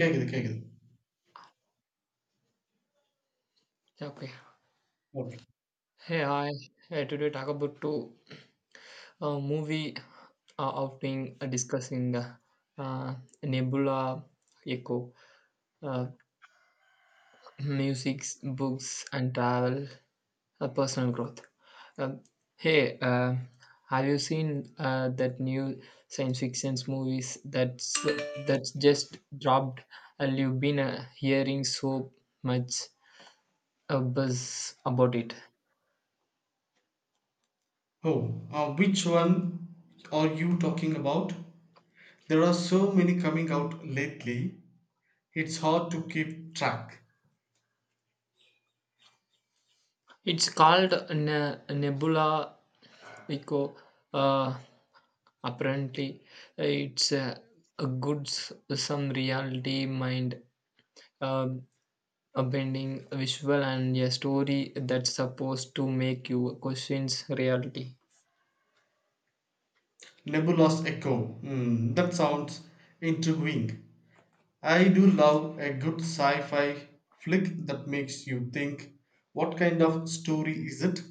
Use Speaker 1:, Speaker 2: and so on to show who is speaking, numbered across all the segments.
Speaker 1: கேக்குது கேக்குது.
Speaker 2: Okay.
Speaker 1: Okay.
Speaker 2: Hey, hi. Hey, today talk about two movie outing discussing uh, Nebula Echo, uh, music, books, and travel, personal growth. Um, hey, have you seen that new science fiction movies that's just dropped, and you've been hearing so much buzz about it?
Speaker 1: Oh, which one are you talking about? There are so many coming out lately. It's hard to keep track.
Speaker 2: It's called Nebula Echo, uh, apparently it's a some reality mind uh, a bending visual and a story that's supposed to make you questions reality.
Speaker 1: Nebulous Echo. Hmm, that sounds intriguing. I do love a good sci-fi flick that makes you think. What kind of story is it?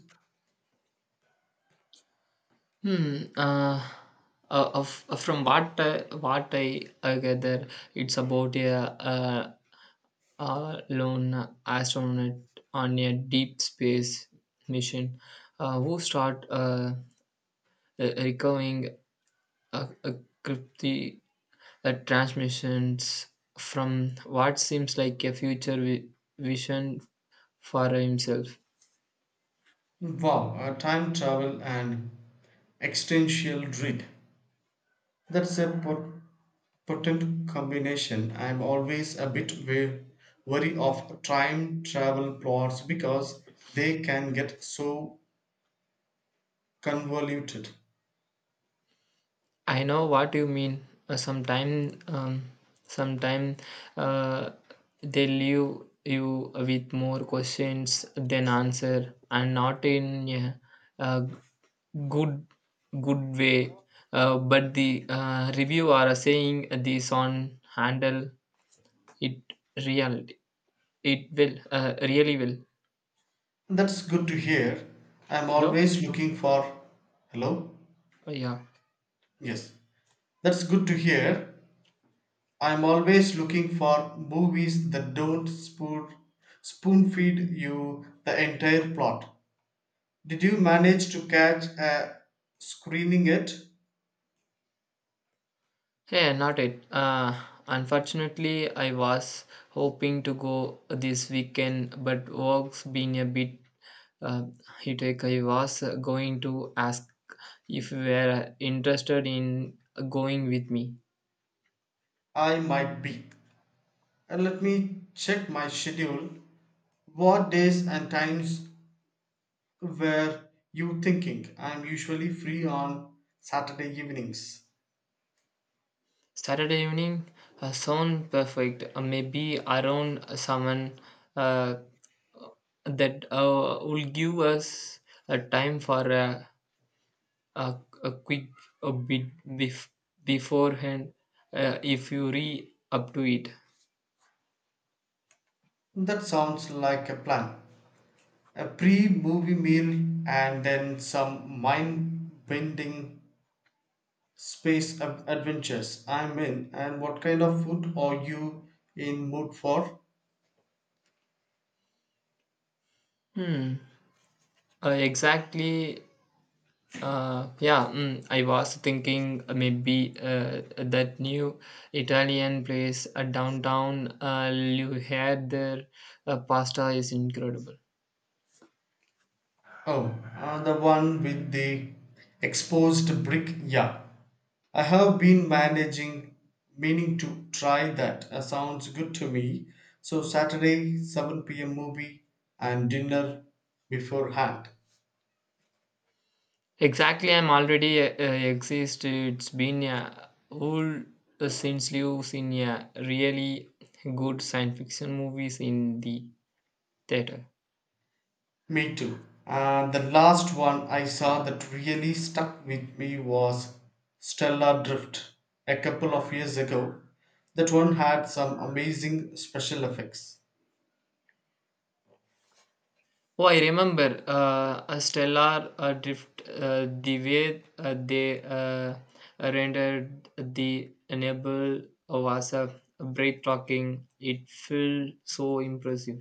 Speaker 2: hmm uh, from what I gather it's about a A lone astronaut on a deep space mission, who recovering uh, uh, crypti- transmissions from what seems like a vision for himself.
Speaker 1: Wow, a time travel and existential dread. That's a potent combination. I'm always a bit wary of time travel plots because they can get so convoluted.
Speaker 2: I know what you mean. Uh, sometime, um, Sometime uh, they leave you with more questions than answer, and not in a, uh good good way, but the review are saying this on handle it real it will really will.
Speaker 1: That's good to hear. I'm
Speaker 2: Hello.
Speaker 1: always looking for. Hello?
Speaker 2: Oh, yeah.
Speaker 1: Yes. That's good to hear. I'm always looking for movies that don't spoon feed you the entire plot. Did you manage to catch a screening yet?
Speaker 2: Hey not it, unfortunately I was hoping to go this weekend but work's been a bit uh, hectic. I was going to ask if you were interested in going with me.
Speaker 1: I might be, and let me check my schedule. What days and times were you thinking? I'm usually free on Saturday evenings.
Speaker 2: Saturday evening sound perfect. Maybe around someone uh, that will give us a time for a, a quick a beforehand, if you re up to it.
Speaker 1: That sounds like a plan. A pre movie meal and then some mind bending space adventures. I'm in. And what kind of food are you in mood for?
Speaker 2: Hmm. Exactly. Yeah, I was thinking maybe that new Italian place downtown you had there, pasta is incredible.
Speaker 1: Oh, the one with the exposed brick, yeah. I have been meaning to try that. Sounds good to me. So, Saturday, 7 p.m. movie and dinner beforehand.
Speaker 2: Exactly, I'm already exist. It's been a whole, since you've seen a really good science fiction movies in the theater.
Speaker 1: Me too. The last one I saw that really stuck with me was Stellar Drift a couple of years ago. That one had some amazing special effects.
Speaker 2: Oh, I remember a Stellar Drift. The way they rendered the enable was a breathtaking. It felt so impressive.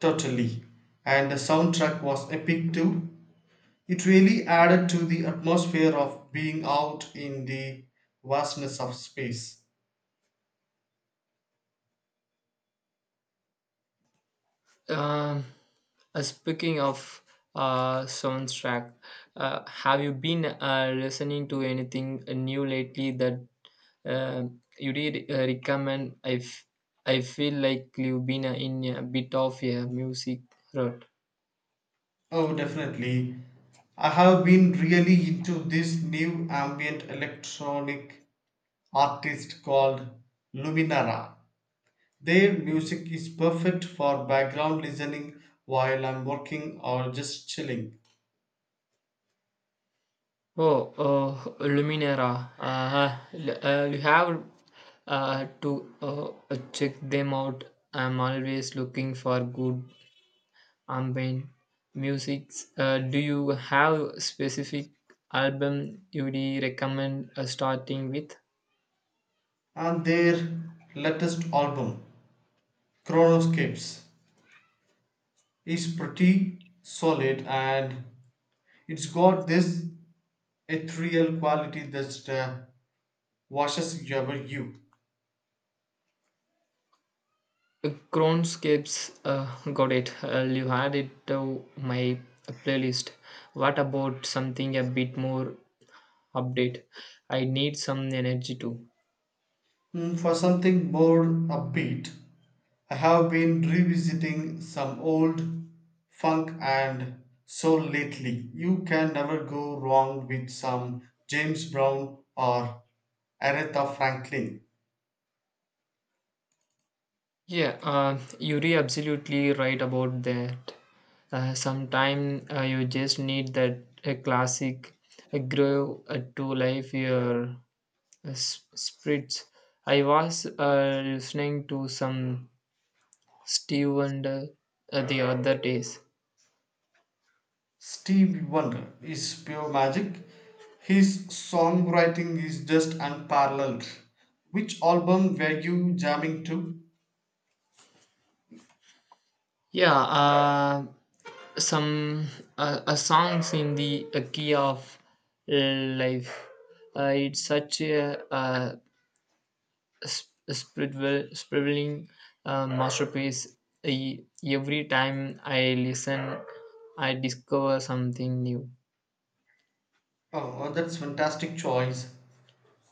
Speaker 1: Totally. And the soundtrack was epic too. It really added to the atmosphere of being out in the vastness of space.
Speaker 2: Um, speaking of soundtrack, have you been listening to anything new lately that uh, you did recommend? I feel like you've been in a bit of a music rut.
Speaker 1: Oh, definitely. I have been really into this new ambient electronic artist called Luminara. Their music is perfect for background listening while I'm working or just chilling.
Speaker 2: Oh, oh Luminera. You have to check them out. I'm always looking for good ambient musics. Do you have specific album you'd recommend starting with?
Speaker 1: And their latest album, Chronoscapes, is pretty solid, and it's got this ethereal quality that washes over you.
Speaker 2: Cronscapes, got it. I'll you add it to my playlist. What about something a bit more update? I need some energy too.
Speaker 1: Mm, for something more upbeat, I have been revisiting some old funk and soul lately. You can never go wrong with some James Brown or Aretha Franklin.
Speaker 2: Yeah, you're absolutely right about that. Sometime you just need that a classic a grow to life your spreads. I was listening to some Steve Wonder, the other days.
Speaker 1: Stevie Wonder is pure magic. His songwriting is just unparalleled. Which album were you jamming to?
Speaker 2: Yeah, some songs in the key of life. It's such a, spiritual, spiraling masterpiece. Every time I listen, I discover something new.
Speaker 1: Oh, that's fantastic choice.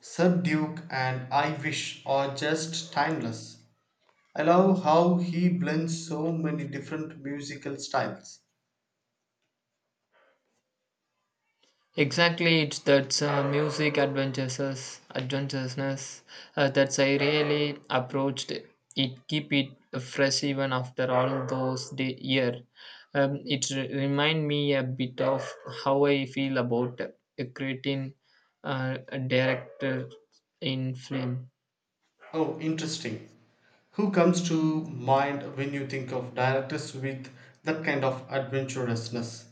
Speaker 1: Sub Duke and I Wish are just timeless. I love how he blends so many different musical styles.
Speaker 2: Exactly, it's that music adventurousness that's I really approached it. It keep it fresh even after all those day year. Remind me a bit of how I feel about creating a director in film.
Speaker 1: Oh, interesting. Who comes to mind when you think of directors with that kind of adventurousness?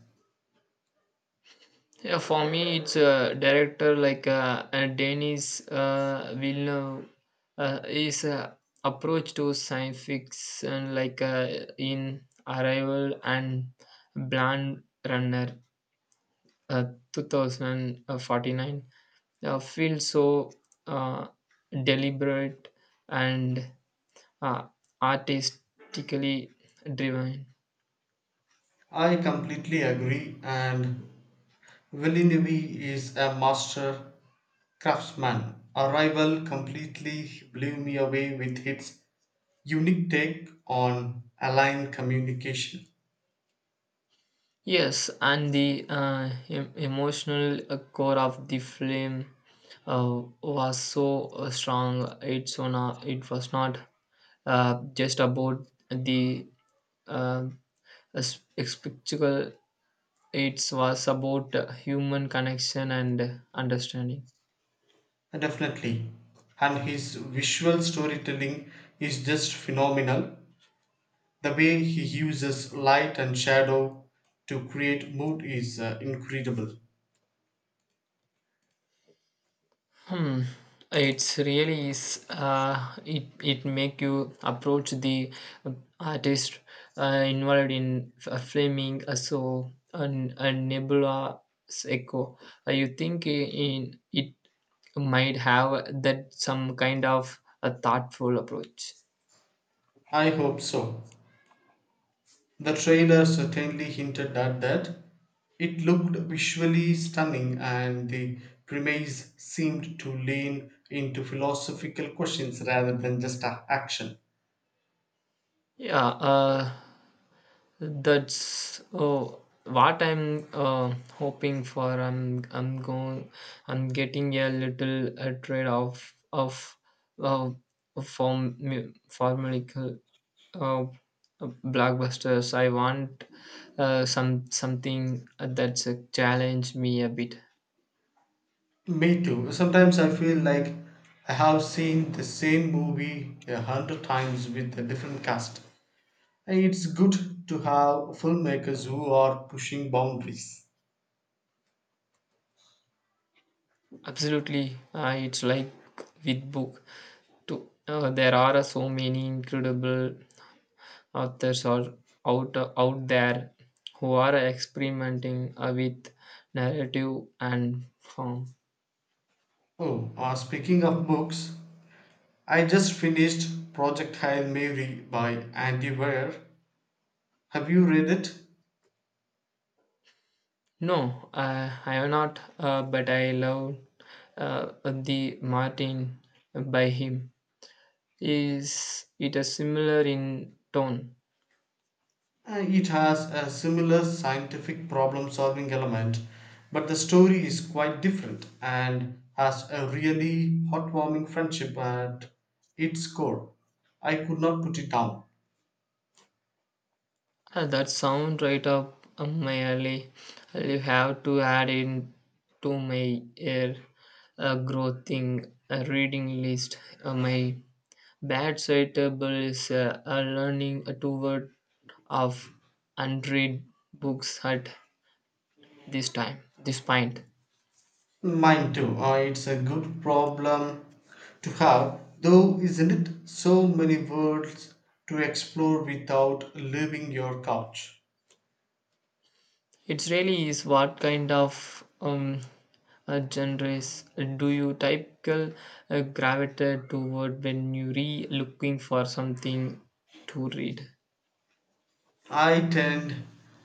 Speaker 2: Yeah, for me, it's a director like Denis Villeneuve. His approach to science fiction, like in Arrival and Blade Runner, uh, 2049, feels so uh, deliberate and uh, artistically driven.
Speaker 1: I completely agree, and Villeneuve is a master craftsman. Arrival completely blew me away with its unique take on airline communication.
Speaker 2: Yes, and the emotional core of the film was so strong. It's on a- it was not just about the uh, spectacle. It was about human connection and understanding.
Speaker 1: Definitely. And his visual storytelling is just phenomenal. The way he uses light and shadow to create mood is incredible.
Speaker 2: Hmm. It's really is. It make you approach the artist involved in flaming a so and a nebula's echo. You think in it might have that some kind of a thoughtful approach.
Speaker 1: I hope so. The trailer certainly hinted at that. It looked visually stunning, and the premise seemed to lean into philosophical questions rather than just action.
Speaker 2: Yeah, that's oh, what I'm hoping for. I'm going. I'm getting a little trade off of uh, form formulaic uh, blockbusters. I want something that's challenge me a bit.
Speaker 1: Me too. Sometimes I feel like I have seen the same movie 100 times with a different cast. And it's good to have filmmakers who are pushing boundaries.
Speaker 2: Absolutely, it's like with book. To there are so many incredible authors are out there who are experimenting with narrative and form.
Speaker 1: Oh, speaking of books, I just finished Project Hail Mary by Andy Weir. Have you read it?
Speaker 2: No, I am not, but I love the Martin by him. Is it a similar in tone?
Speaker 1: It has a similar scientific problem solving element, but the story is quite different and has a really heartwarming friendship at its core. I could not put it down.
Speaker 2: That sound right up my alley. I'll have to add in to my air growth thing, reading list. My Bad side table is a learning toward of unread books at this time, this point.
Speaker 1: Mine too. It's a good problem to have, though, isn't it? So many worlds to explore without leaving your couch.
Speaker 2: It really is. What kind of genres do you typical gravitate toward when you re looking for something to read?
Speaker 1: I tend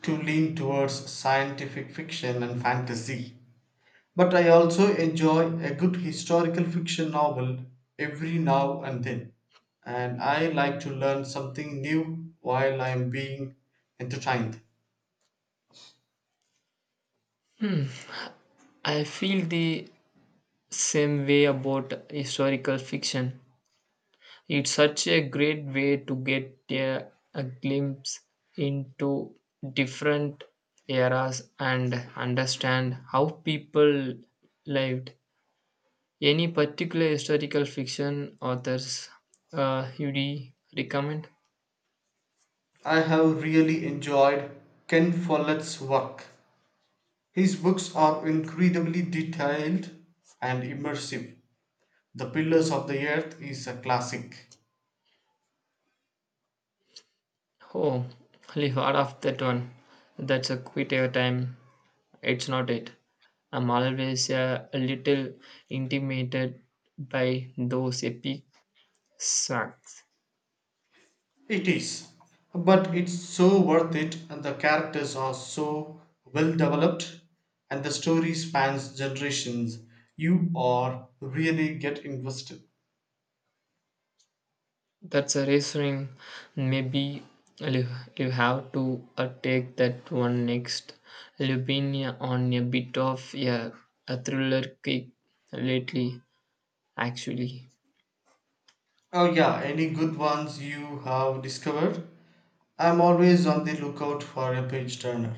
Speaker 1: to lean towards scientific fiction and fantasy. But I also enjoy a good historical fiction novel every now and then, and I like to learn something new while I'm being entertained.
Speaker 2: I feel the same way about historical fiction. It's such a great way to get a glimpse into different eras and understand how people lived. Any particular historical fiction authors you'd e recommend?
Speaker 1: I have really enjoyed Ken Follett's work. His books are incredibly detailed and immersive. The Pillars of the Earth is a classic.
Speaker 2: Oh, leave out of that one. That's a quit your time. It's not it. I'm always a little intimidated by those epic sacks.
Speaker 1: It is, but it's so worth it, and the characters are so well developed, and the story spans generations. You are really get invested.
Speaker 2: That's a reassuring. Maybe you you have to take that one next. You've been on a bit of a thriller kick lately, actually.
Speaker 1: Oh yeah, any good ones you have discovered? I'm always on the lookout for a page turner.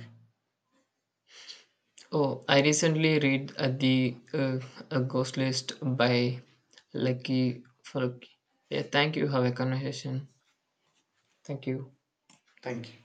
Speaker 2: Oh, I recently read the a Ghost List by Lucky Faruqi. Yeah, thank you. Have a conversation. Thank you.
Speaker 1: Thank you.